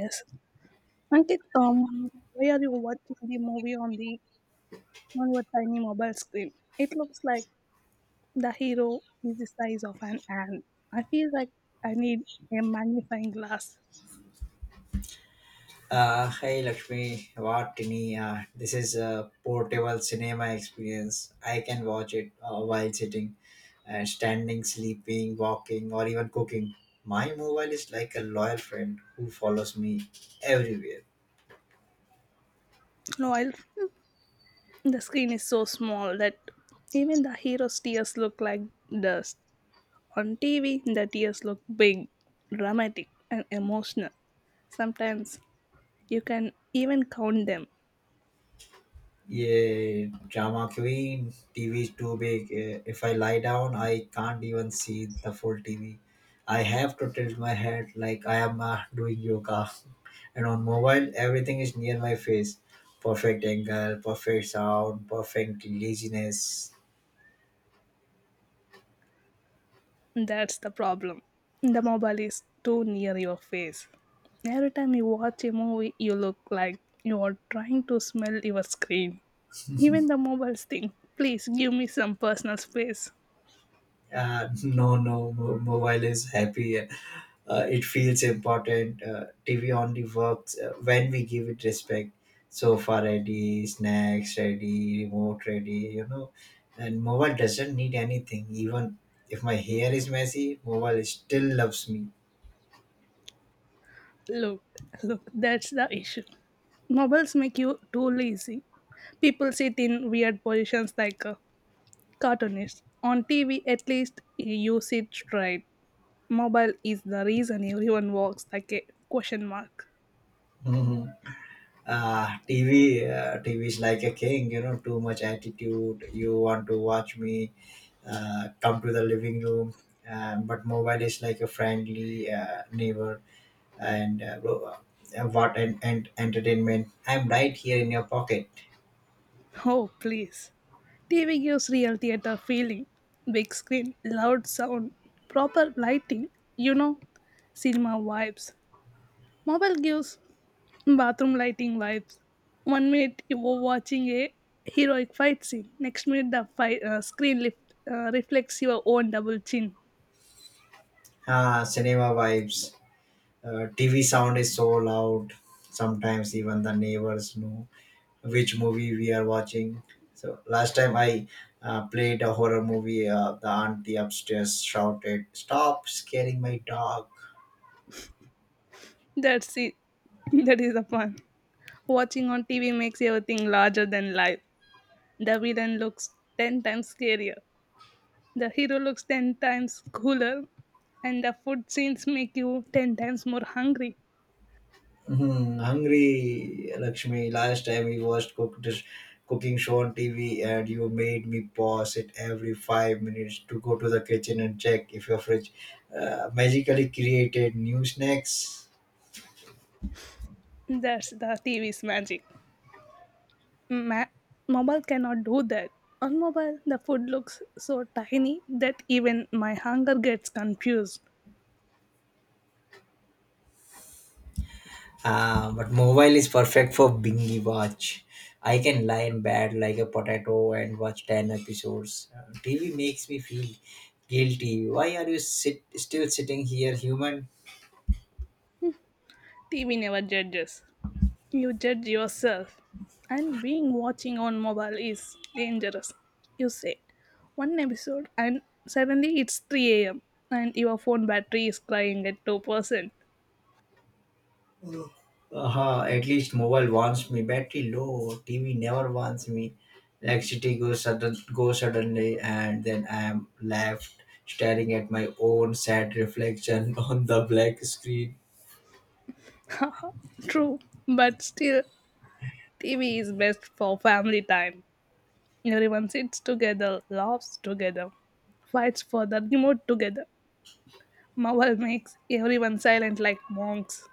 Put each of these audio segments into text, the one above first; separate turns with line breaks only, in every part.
Yes. Ankit, why are you watching the movie on the on your tiny mobile screen? It looks like the hero is the size of an ant. I feel like I need a magnifying glass.
Hey Lakshmi, Vatini. This is a portable cinema experience. I can watch it while sitting, and standing, sleeping, walking, or even cooking. My mobile is like a loyal friend who follows me everywhere.
No, I. the screen is so small that even the hero's tears look like dust. On TV, the tears look big, dramatic, and emotional. Sometimes you can even count them.
Yeah, drama queen. TV is too big. If I lie down, I can't even see the full TV. I have to tilt my head like I am doing yoga. And on mobile, everything is near my face. Perfect angle, perfect sound, perfect laziness.
That's the problem. The mobile is too near your face. Every time you watch a movie, you look like you are trying to smell your screen. Even the mobiles think, please give me some personal space.
No, no, mobile is happy. It feels important. TV only works when we give it respect. Sofa ready, snacks ready, remote ready. And mobile doesn't need anything. Even if my hair is messy, mobile still loves me.
Look, look, that's the issue. Mobiles make you too lazy. People sit in weird positions like cartoonists. On TV, at least you sit straight. Mobile is the reason everyone walks like a question mark.
Mhm. TV is like a king, too much attitude. You want to watch me, come to the living room. But mobile is like a friendly neighbor and and entertainment. I'm right here in your pocket.
Oh, please. TV gives real theater feeling. Big screen, loud sound, proper lighting, you know, cinema vibes. Mobile gives bathroom lighting vibes. One minute you were watching a heroic fight scene, next minute the fight, screen lift, reflects your own double chin.
Ah, cinema vibes. TV sound is so loud. Sometimes even the neighbors know which movie we are watching. So last time I played a horror movie, the auntie upstairs shouted, "Stop scaring my dog!"
That's it. That is the fun. Watching on TV makes everything larger than life. The villain looks 10 times scarier. The hero looks 10 times cooler, and the food scenes make you 10 times more hungry.
Mhm. Hungry Lakshmi, last time we watched cooking show on TV and you made me pause it every 5 minutes to go to the kitchen and check if your fridge magically created new snacks.
That's the TV's magic. Ma- mobile cannot do that. On mobile, the food looks so tiny that even my hunger gets confused.
Ah, but mobile is perfect for bingy watch. I can lie in bed like a potato and watch 10 episodes. TV makes me feel guilty. Why are you still sitting here, human?
TV never judges. You judge yourself. And being watching on mobile is dangerous. You say one episode and suddenly it's 3 a.m. and your phone battery is crying at 2%.
At least mobile wants me. Battery low. TV never wants me. Electricity goes suddenly, and then I am left staring at my own sad reflection on the black screen.
True, but still, TV is best for family time. Everyone sits together, laughs together, fights for the remote together. Marvel makes everyone silent like monks.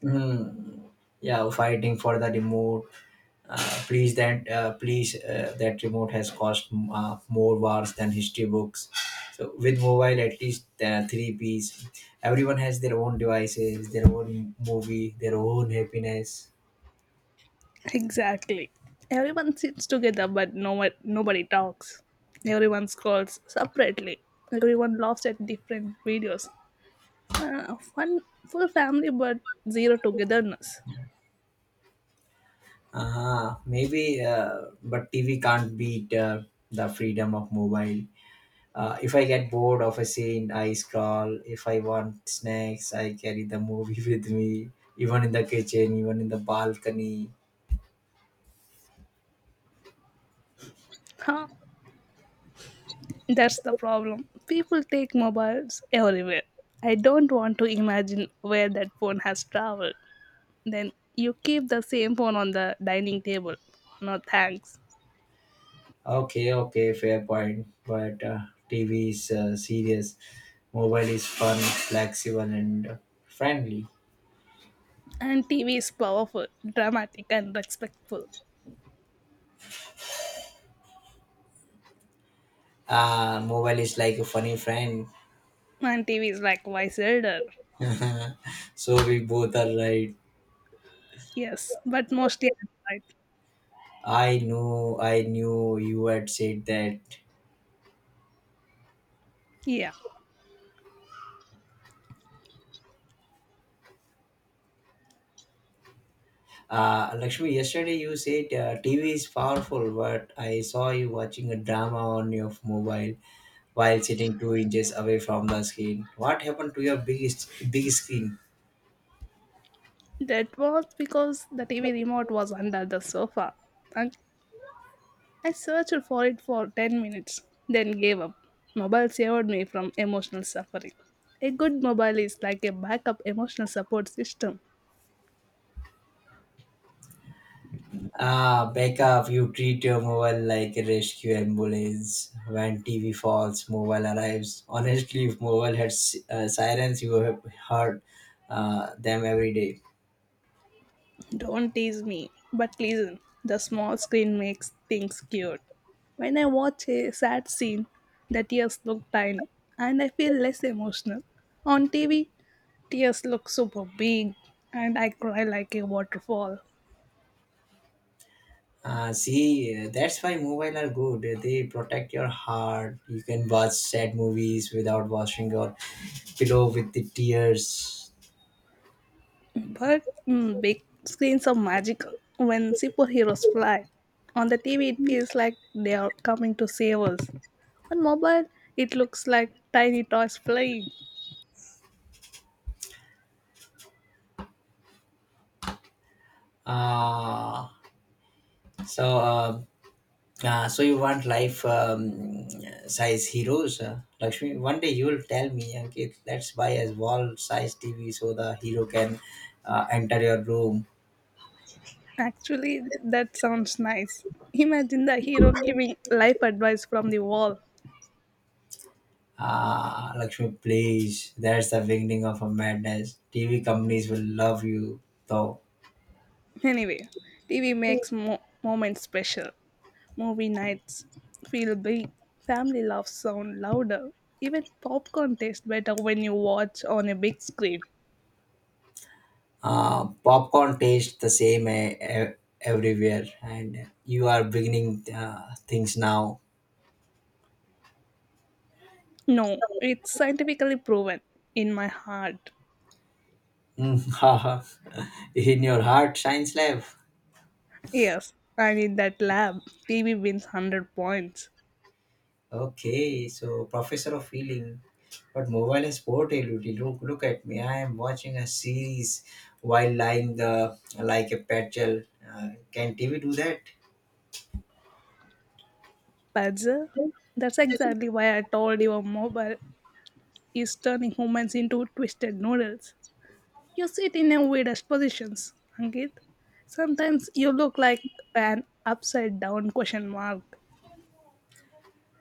Hmm. Yeah, fighting for the remote. Please that please That remote has cost more wars than history books. So with mobile, at least three P's. Everyone has their own devices, their own movie, their own happiness.
Exactly. Everyone sits together, but no one, nobody talks. Everyone scrolls separately. Everyone laughs at different videos. Fun, full family, but zero togetherness.
Maybe, but TV can't beat the freedom of mobile. If I get bored of a scene, I scroll. If I want snacks, I carry the movie with me, even in the kitchen, even in the balcony.
Huh? That's the problem. People take mobiles everywhere. I don't want to imagine where that phone has traveled. Then you keep the same phone on the dining table. No thanks.
Okay, okay, fair point. But TV is serious. Mobile is fun, flexible, and friendly.
And TV is powerful, dramatic, and respectful.
Mobile is like a funny friend.
And TV is likewise elder.
So we both are right.
Yes, but mostly Android.
I know, I knew you had said that.
Yeah.
Lakshmi, yesterday you said TV is powerful, but I saw you watching a drama on your mobile while sitting 2 inches away from the screen. What happened to your biggest big screen?
That was because the TV remote was under the sofa. And I searched for it for 10 minutes, then gave up. Mobile saved me from emotional suffering. A good mobile is like a backup emotional support system.
Ah, back up! You treat your mobile like a rescue ambulance. When TV falls, mobile arrives. Honestly, if mobile had sirens, you would have heard them every day.
Don't tease me, but listen, the small screen makes things cute. When I watch a sad scene, the tears look tiny and I feel less emotional. On TV, tears look super big and I cry like a waterfall.
See, that's why mobile are good. They protect your heart. You can watch sad movies without washing your pillow with the tears.
But big screens are magical. When superheroes fly on the TV, it feels like they are coming to save us. On mobile, it looks like tiny toys flying.
Uh, so, uh, so you want life size heroes, Lakshmi? One day you will tell me, okay, let's buy a wall size TV so the hero can enter your room.
Actually, that sounds nice. Imagine the hero giving life advice from the wall.
Ah, Lakshmi, please. That's the beginning of a madness. TV companies will love you, though.
Anyway, TV makes moments special. Movie nights feel big. Family laughs sound louder. Even popcorn tastes better when you watch on a big screen.
Popcorn tastes the same everywhere, and you are beginning things now.
No, it's scientifically proven in my heart.
Mm. Haha. In your heart shines love.
Yes, and in that lab, TV wins 100 points.
Okay, so professor of feeling. But mobile has sport illusion. Look at me, I am watching a series while lying the like a petrol. Can TV do that?
Pazza, that's exactly why I told you a mobile is turning humans into twisted noodles. You sit in a weirdest positions, Ankit. Sometimes you look like an upside down question mark.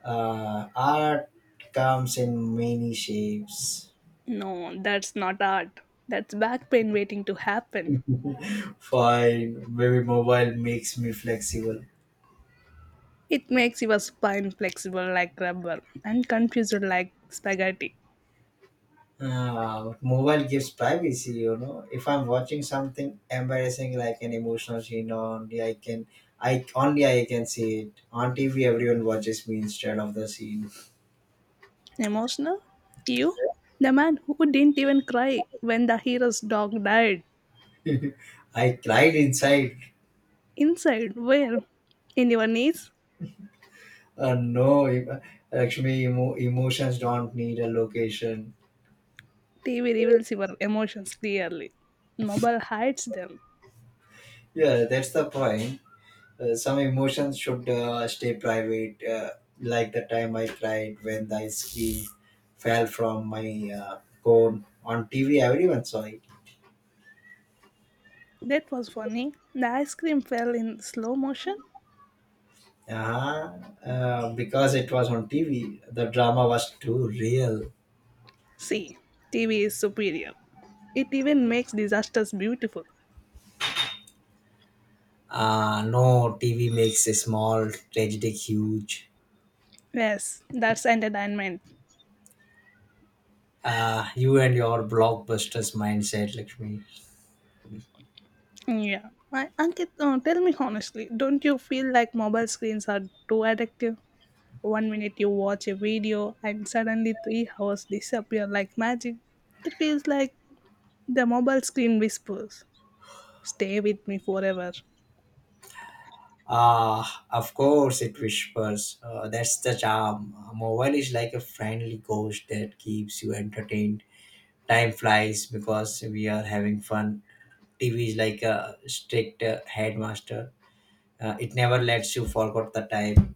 Art comes in many shapes.
No, that's not art. That's back pain waiting to happen.
Fine, maybe mobile makes me flexible.
It makes your spine flexible like rubber and confused like spaghetti.
Mobile gives privacy. If I'm watching something embarrassing like an emotional scene, only I can see it on TV. Everyone watches me instead of the scene.
Emotional? You? The man who didn't even cry when the hero's dog died.
I cried inside.
Inside, where? In your knees?
No, Lakshmi, emotions don't need a location.
TV reveals your emotions clearly. Mobile hides them.
Yeah, that's the point. Some emotions should stay private, like the time I cried when the ice cream fell from my cone on TV. Everyone saw it.
That was funny. The ice cream fell in slow motion.
Yeah, because it was on TV, the drama was too real.
See, TV is superior. It even makes disasters beautiful.
No, TV makes a small tragedy huge.
Yes, that's entertainment.
You and your blockbusters mindset, Lakshmi.
Yeah. My Ankit, tell me honestly, don't you feel like mobile screens are too addictive? One minute you watch a video and suddenly 3 hours disappear like magic. It feels like the mobile screen whispers, stay with me forever.
Ah, of course it whispers. That's the charm. A mobile is like a friendly ghost that keeps you entertained. Time flies because we are having fun. TV is like a strict headmaster. It never lets you forget the time.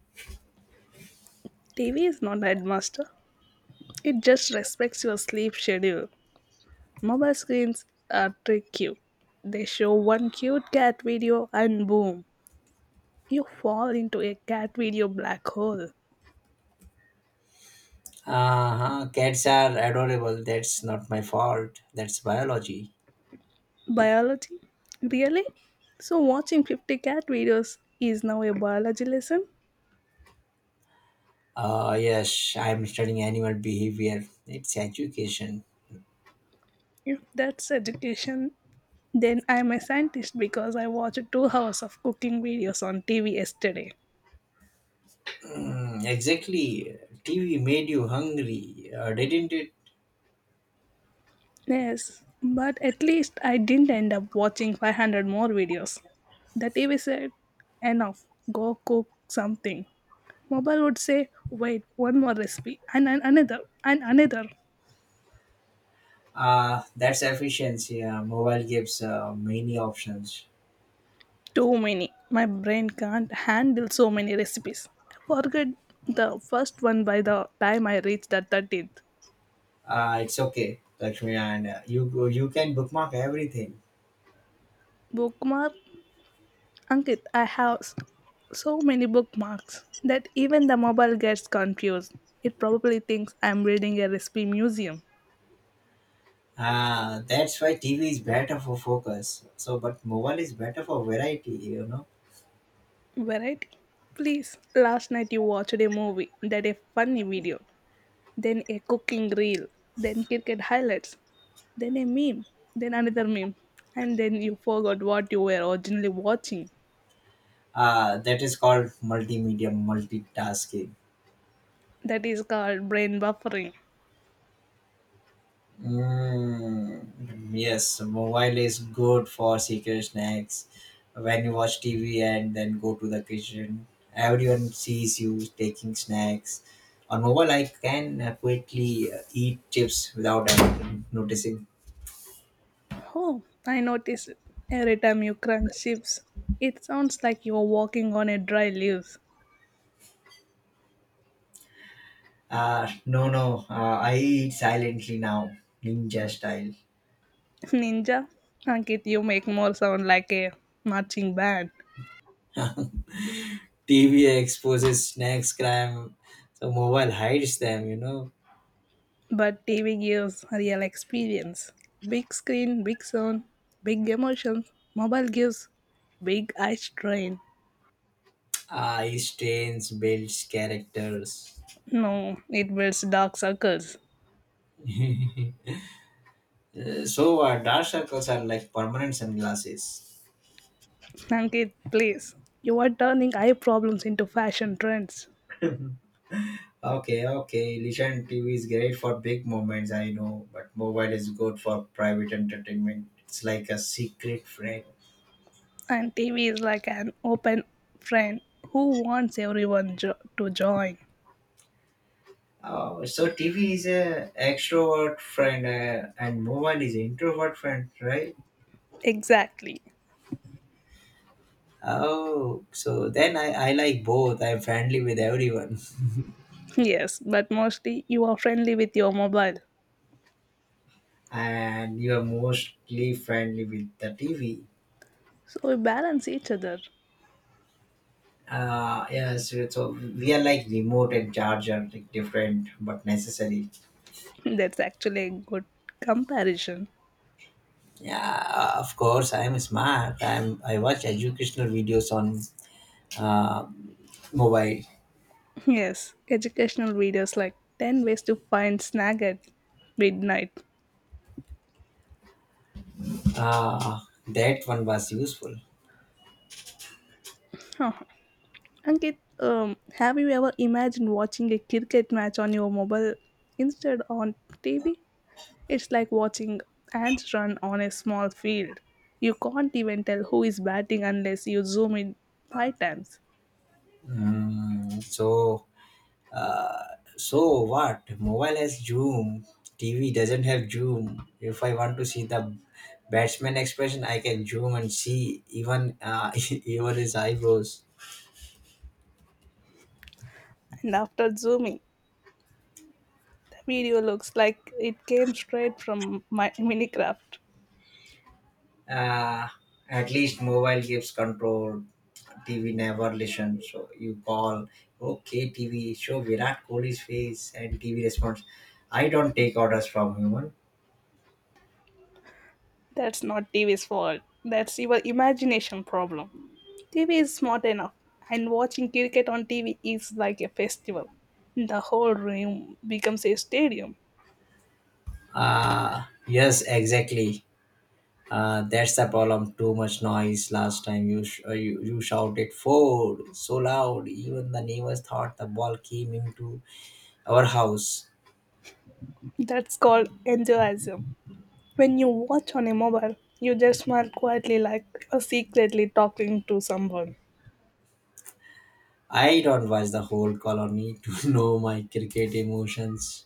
TV is not headmaster, it just respects your sleep schedule. Mobile screens are trick you. They show one cute cat video and boom, you fall into a cat video black hole.
Uh-huh. Cats are adorable. That's not my fault. That's biology.
Biology? Really? So, watching 50 cat videos is now a biology lesson?
Yes, I'm studying animal behavior. It's education.
If that's education, then I'm a scientist because I watched 2 hours of cooking videos on TV yesterday.
Mm, exactly. TV made you hungry, didn't it?
Yes, but at least I didn't end up watching 500 more videos. The TV said, enough, go cook something. Mobile would say, wait, one more recipe, and another, and another.
That's efficiency. Mobile gives many options.
Too many. My brain can't handle so many recipes. I forgot the first one by the time I reached the 13th.
It's okay, Lakshmi, and you can bookmark everything.
Bookmark Ankit, I have so many bookmarks that even the mobile gets confused. It probably thinks I'm reading a recipe museum.
That's why TV is better for focus. So, but mobile is better for variety.
Variety? Please, last night you watched a movie, then a funny video, then a cooking reel, then cricket highlights, then a meme, then another meme, and then you forgot what you were originally watching.
That is called multimedia multitasking.
That is called brain buffering.
Mm. Yes, mobile is good for secret snacks. When you watch TV and then go to the kitchen, everyone sees you taking snacks. On mobile, I can quickly eat chips without anyone noticing.
Oh, I notice it. Every time you crunch chips, it sounds like you're walking on a dry leaves.
No, no, I eat silently now, ninja style.
Ninja, Ankit, you make more sound like a marching band.
TV exposes snacks crime, so mobile hides them.
But TV gives real experience. Big screen, big sound, big emotions. Mobile gives big eye strain.
Ice trains builds characters.
No, it builds dark circles.
So, dark circles are like permanent sunglasses.
Ankit, please. You are turning eye problems into fashion trends.
Okay, okay. Listen, TV is great for big moments, I know, but mobile is good for private entertainment. It's like a secret friend.
And TV is like an open friend who wants everyone to join.
Oh, so TV is a extrovert friend and mobile is introvert friend, right?
Exactly.
Oh, so then I like both. I'm friendly with everyone.
Yes, but mostly you are friendly with your mobile.
And you are mostly friendly with the TV.
So we balance each other.
Yes, so we are like remote and charge are like different but necessary.
That's actually a good comparison.
Yeah, of course, I am smart. I watch educational videos on uh, mobile.
Yes, educational videos like 10 ways to find snag at midnight.
Uh, that one was useful.
Huh. Ankit, have you ever imagined watching a cricket match on your mobile instead on TV? It's like watching ants run on a small field. You can't even tell who is batting unless you zoom in five times.
Mm, so what? Mobile has Zoom. TV doesn't have Zoom. If I want to see the batsman expression, I can zoom and see even even his eyebrows.
And after zooming, the video looks like it came straight from my Minecraft.
uh, at least mobile gives control. TV never listens, so you call, "Okay, TV, show Virat Kohli's face," and TV responds, "I don't take orders from human."
That's not TV's fault. That's your imagination problem. TV is smart enough, and watching cricket on TV is like a festival. The whole room becomes a stadium.
Yes, exactly. That's the problem. Too much noise. Last time you you shouted ford so loud even the neighbors thought the ball came into our house.
That's called enjoyism. When you watch on a mobile, you just smile quietly like you're secretly talking to someone.
I don't watch the whole colony to know my cricket emotions.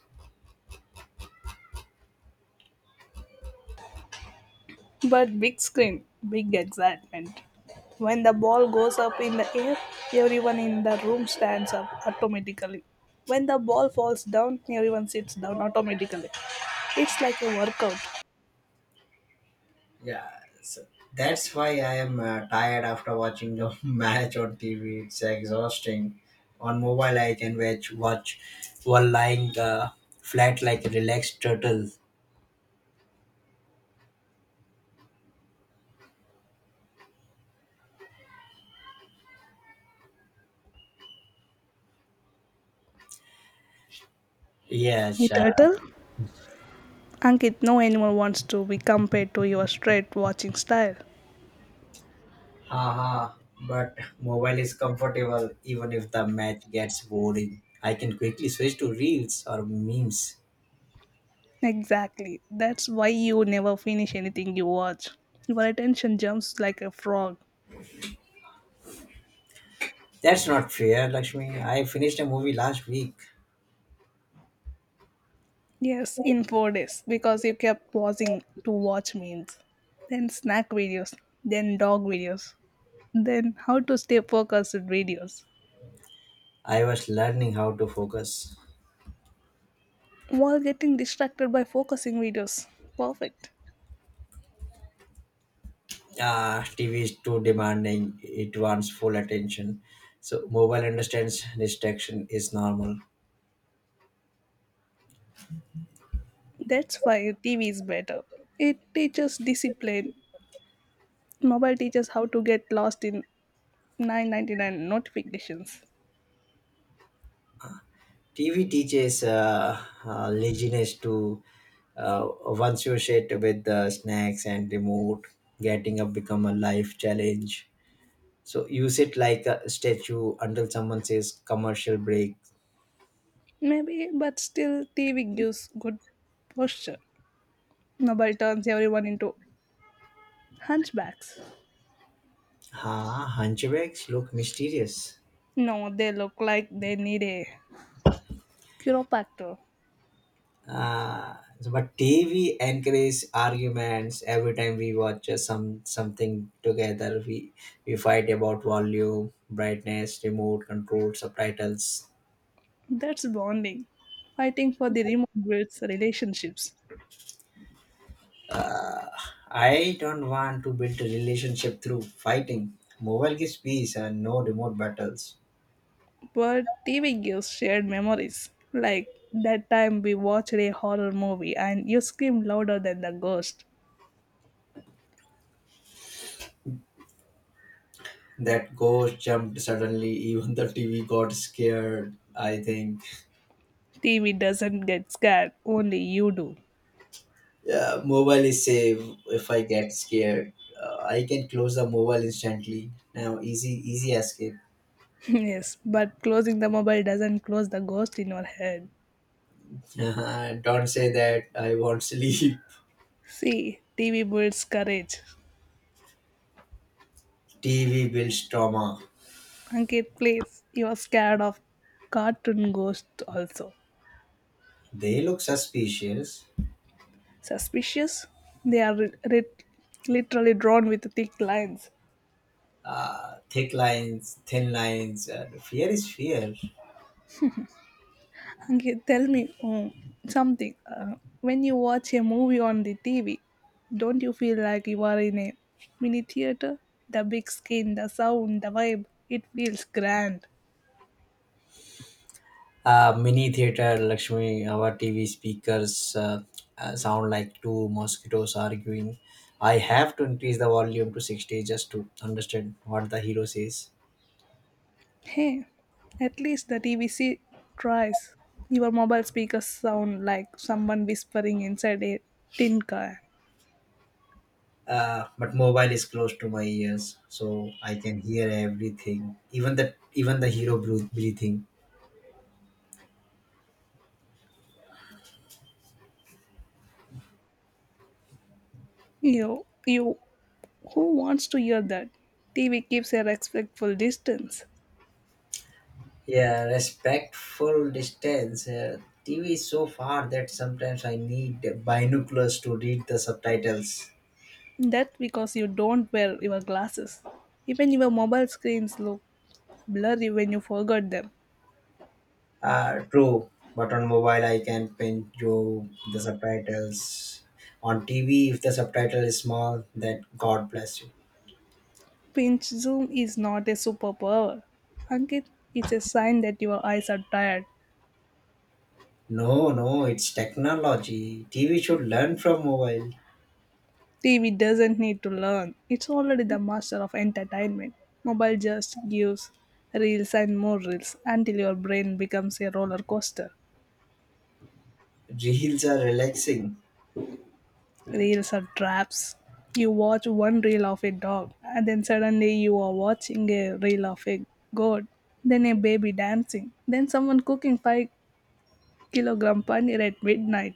But big screen, big excitement. When the ball goes up in the air, everyone in the room stands up automatically. When the ball falls down, everyone sits down automatically. It's like a workout.
Yeah, so that's why I am tired after watching the match on TV. It's exhausting. On mobile, I can watch while lying flat like a relaxed turtle. Yes,
With Turtle, Ankit, no animal wants to be compared to your straight watching style.
haha. But mobile is comfortable even if the match gets boring. I can quickly switch to reels or memes.
Exactly. That's why you never finish anything you watch. Your attention jumps like a frog.
That's not fair, Lakshmi. I finished a movie last week.
Yes, in 4 days because you kept pausing to watch memes, then snack videos, then dog videos, then how to stay focused videos
I was learning how to focus.
while getting distracted by focusing videos. Perfect.
TV is too demanding, it wants full attention. So, mobile understands distraction is normal.
That's why TV is better. It teaches discipline. Mobile teaches how to get lost in 999 notifications.
TV teaches laziness to once you sit with the snacks and remote, getting up become a life challenge. So you sit like a statue until someone says commercial break.
Maybe, but still, TV gives good posture. Mobile turns everyone into hunchbacks.
Ha, hunchbacks look mysterious.
No, they look like they need a chiropractor.
Uh, but TV encourages arguments. Every time we watch something together, we fight about volume, brightness, remote control, subtitles.
That's bonding. Fighting for the remote builds relationships.
I don't want to build a relationship through fighting. Mobile gives peace and no remote battles.
But TV gives shared memories. Like that time we watched a horror movie and you screamed louder than the ghost.
That ghost jumped suddenly. Even the TV got scared. I think
TV doesn't get scared, only you do.
yeah, mobile is safe. If I get scared, I can close the mobile instantly. Now, easy escape.
Yes, but closing the mobile doesn't close the ghost in your head.
Don't say that. I won't sleep.
See, TV builds courage.
TV builds trauma.
Ankit, please, you are scared of cartoon ghosts also.
They look suspicious.
Suspicious. They are literally drawn with thick lines.
Thick lines, thin lines. And fear is fear.
Okay, tell me something. When you watch a movie on the TV, don't you feel like you are in a mini theater? The big screen, the sound, the vibe, it feels grand.
Mini theater, Lakshmi. Our TV speakers sound like two mosquitoes arguing. I have to increase the volume to 60 just to understand what the hero says.
Hey, at least the TVC tries. Your mobile speakers sound like someone whispering inside a tin can.
But mobile is close to my ears, so I can hear everything, even the hero breathing.
You Who wants to hear that? TV keeps a respectful distance.
Yeah, respectful distance. TV is so far that sometimes I need binoculars to read the subtitles.
That's because you don't wear your glasses. Even your mobile screens look blurry when you forgot them.
True, but on mobile I can pin through the subtitles. On TV, if the subtitle is small, then God bless you.
Pinch zoom is not a superpower. Ankit, it's a sign that your eyes are tired.
No, no, it's technology. TV should learn from mobile.
TV doesn't need to learn. It's already the master of entertainment. Mobile just gives reels and more reels until your brain becomes a roller coaster.
Reels are relaxing.
Reels are traps. You watch one reel of a dog, and then suddenly you are watching a reel of a goat, then a baby dancing, then someone cooking 5 kilogram paneer at midnight.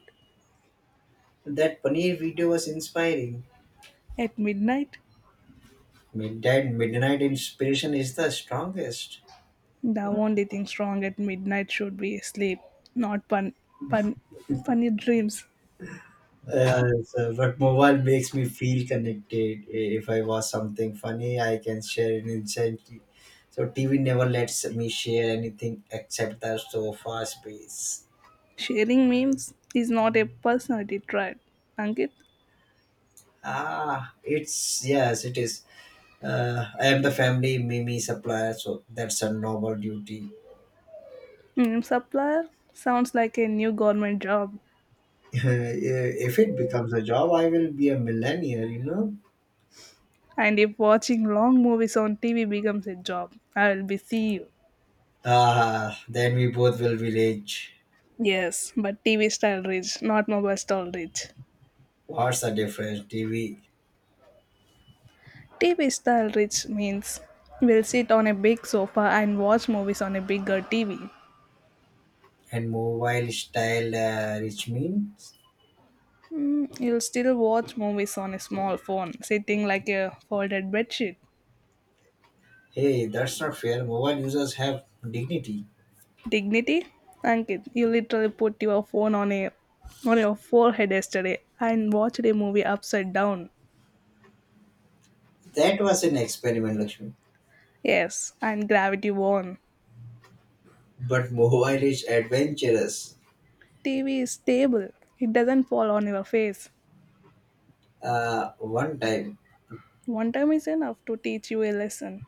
That paneer video was inspiring.
At midnight?
Midnight inspiration is the strongest.
The only thing strong at midnight should be sleep, not pun, funny dreams.
Yeah, so, but mobile makes me feel connected. If I watch something funny, I can share it instantly. So TV never lets me share anything except the sofa space.
Sharing memes is not a personality trait. Ankit,
Ah, it's yes, it is. I am the family Mimi supplier, so that's a noble duty.
meme supplier sounds like a new government job.
If it becomes a job, I will be a millionaire.
And if watching long movies on TV becomes a job, I'll be CEO.
Ah, then we both will be rich.
Yes, but TV style rich, not mobile style rich.
What's the difference? TV
TV style rich means we'll sit on a big sofa and watch movies on a bigger TV.
and mobile style rich means.
You'll still watch movies on a small phone, sitting like a folded bedsheet.
Hey, that's not fair, mobile users have dignity.
Dignity? Ankit, you literally put your phone on a on your forehead yesterday and watched a movie upside down.
That was an experiment, Lakshmi.
Yes, and gravity won.
But mobile is adventurous.
TV is stable, it doesn't fall on your face.
One time.
One time is enough to teach you a lesson.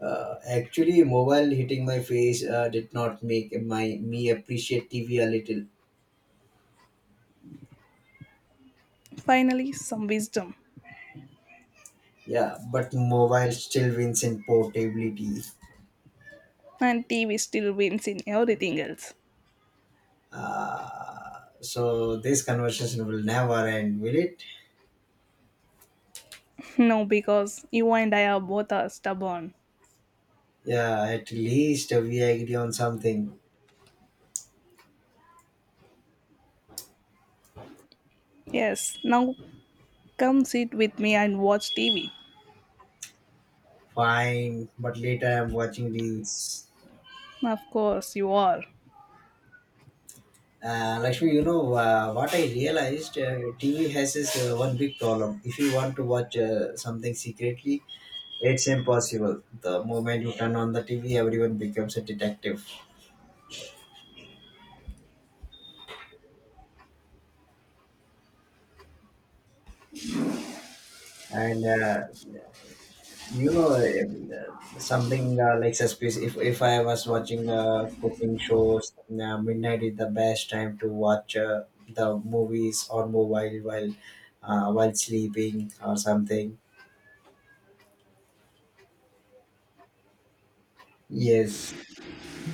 Actually, mobile hitting my face did not make my me appreciate TV a little.
Finally, some wisdom.
Yeah, but mobile still wins in portability.
And TV still wins in everything else.
uh, so this conversation will never end, will it?
No, because you and I are both are stubborn.
Yeah, at least we agree on something.
Yes, now come sit with me and watch TV.
Fine, but later I'm watching reels.
Of course, you are.
Lakshmi, you know what I realized? TV has this one big problem. If you want to watch something secretly, it's impossible. The moment you turn on the TV, everyone becomes a detective, and you know something like suspicious. If I was watching cooking shows, midnight is the best time to watch the movies on mobile while sleeping or something. Yes,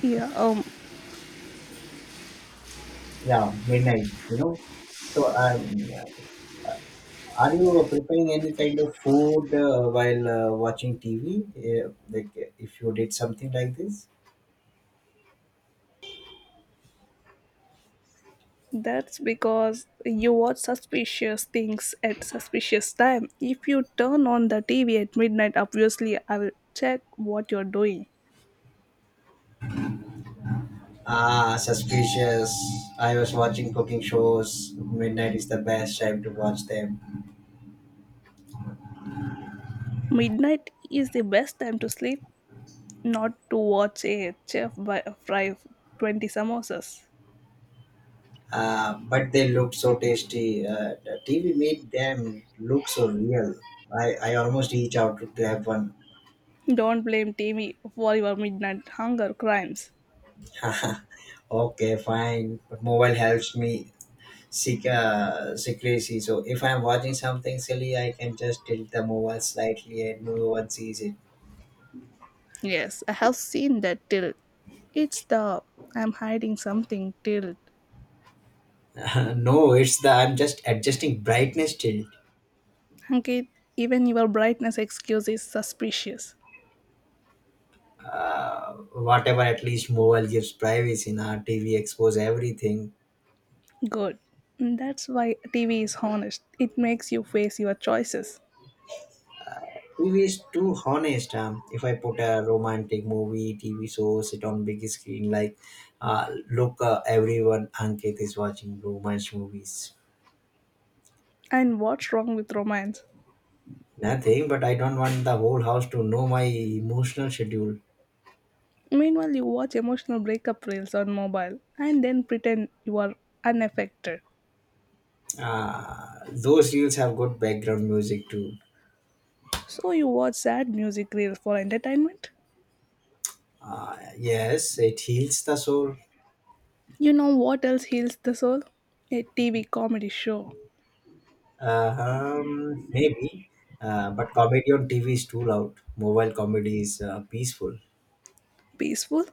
Yeah,
yeah, midnight. So, are you preparing any kind of food while watching TV? Like, if you did something like this?
that's because you watch suspicious things at suspicious time. If you turn on the TV at midnight, obviously I will check what you're doing.
Ah, suspicious. I was watching cooking shows. Midnight is the best time to watch them.
Midnight is the best time to sleep, not to watch a chef fry 20 samosas.
But they looked so tasty. The TV made them look so real. I almost reach out to have one.
Don't blame TV for your midnight hunger crimes.
Okay, fine. But mobile helps me secrecy. So if I'm watching something silly, I can just tilt the mobile slightly and no one sees it.
Yes, I have seen that tilt. It's the I'm hiding something tilt.
No, it's the I'm just adjusting brightness tilt.
Ankit, even your brightness excuse is suspicious.
Whatever, at least mobile gives privacy. Now TV expose everything.
Good. That's why TV is honest. It makes you face your choices.
TV is too honest. If I put a romantic movie, TV show, sit on big screen, like, look, everyone, Ankit is watching romance movies.
And what's wrong with romance?
Nothing, but I don't want the whole house to know my emotional schedule.
Meanwhile, you watch emotional breakup reels on mobile and then pretend you are unaffected.
Those reels have good background music too.
So you watch sad music reels for entertainment.
Yes, it heals the soul.
You know what else heals the soul? A TV comedy show.
Maybe, but comedy on TV is too loud. Mobile comedy is peaceful.
Peaceful?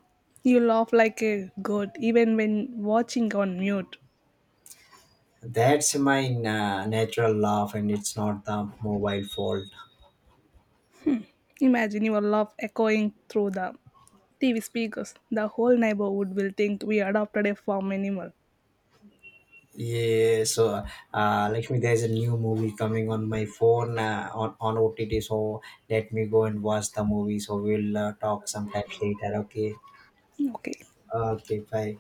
You laugh like a goat even when watching on mute.
That's my natural laugh, and it's not the mobile fault.
Imagine your laugh echoing through the TV speakers. The whole neighborhood will think we adopted a farm animal.
Yeah, so like me, there's a new movie coming on my phone on OTT. So let me go and watch the movie. So we'll talk sometime later. Okay.
Okay.
Okay. Bye.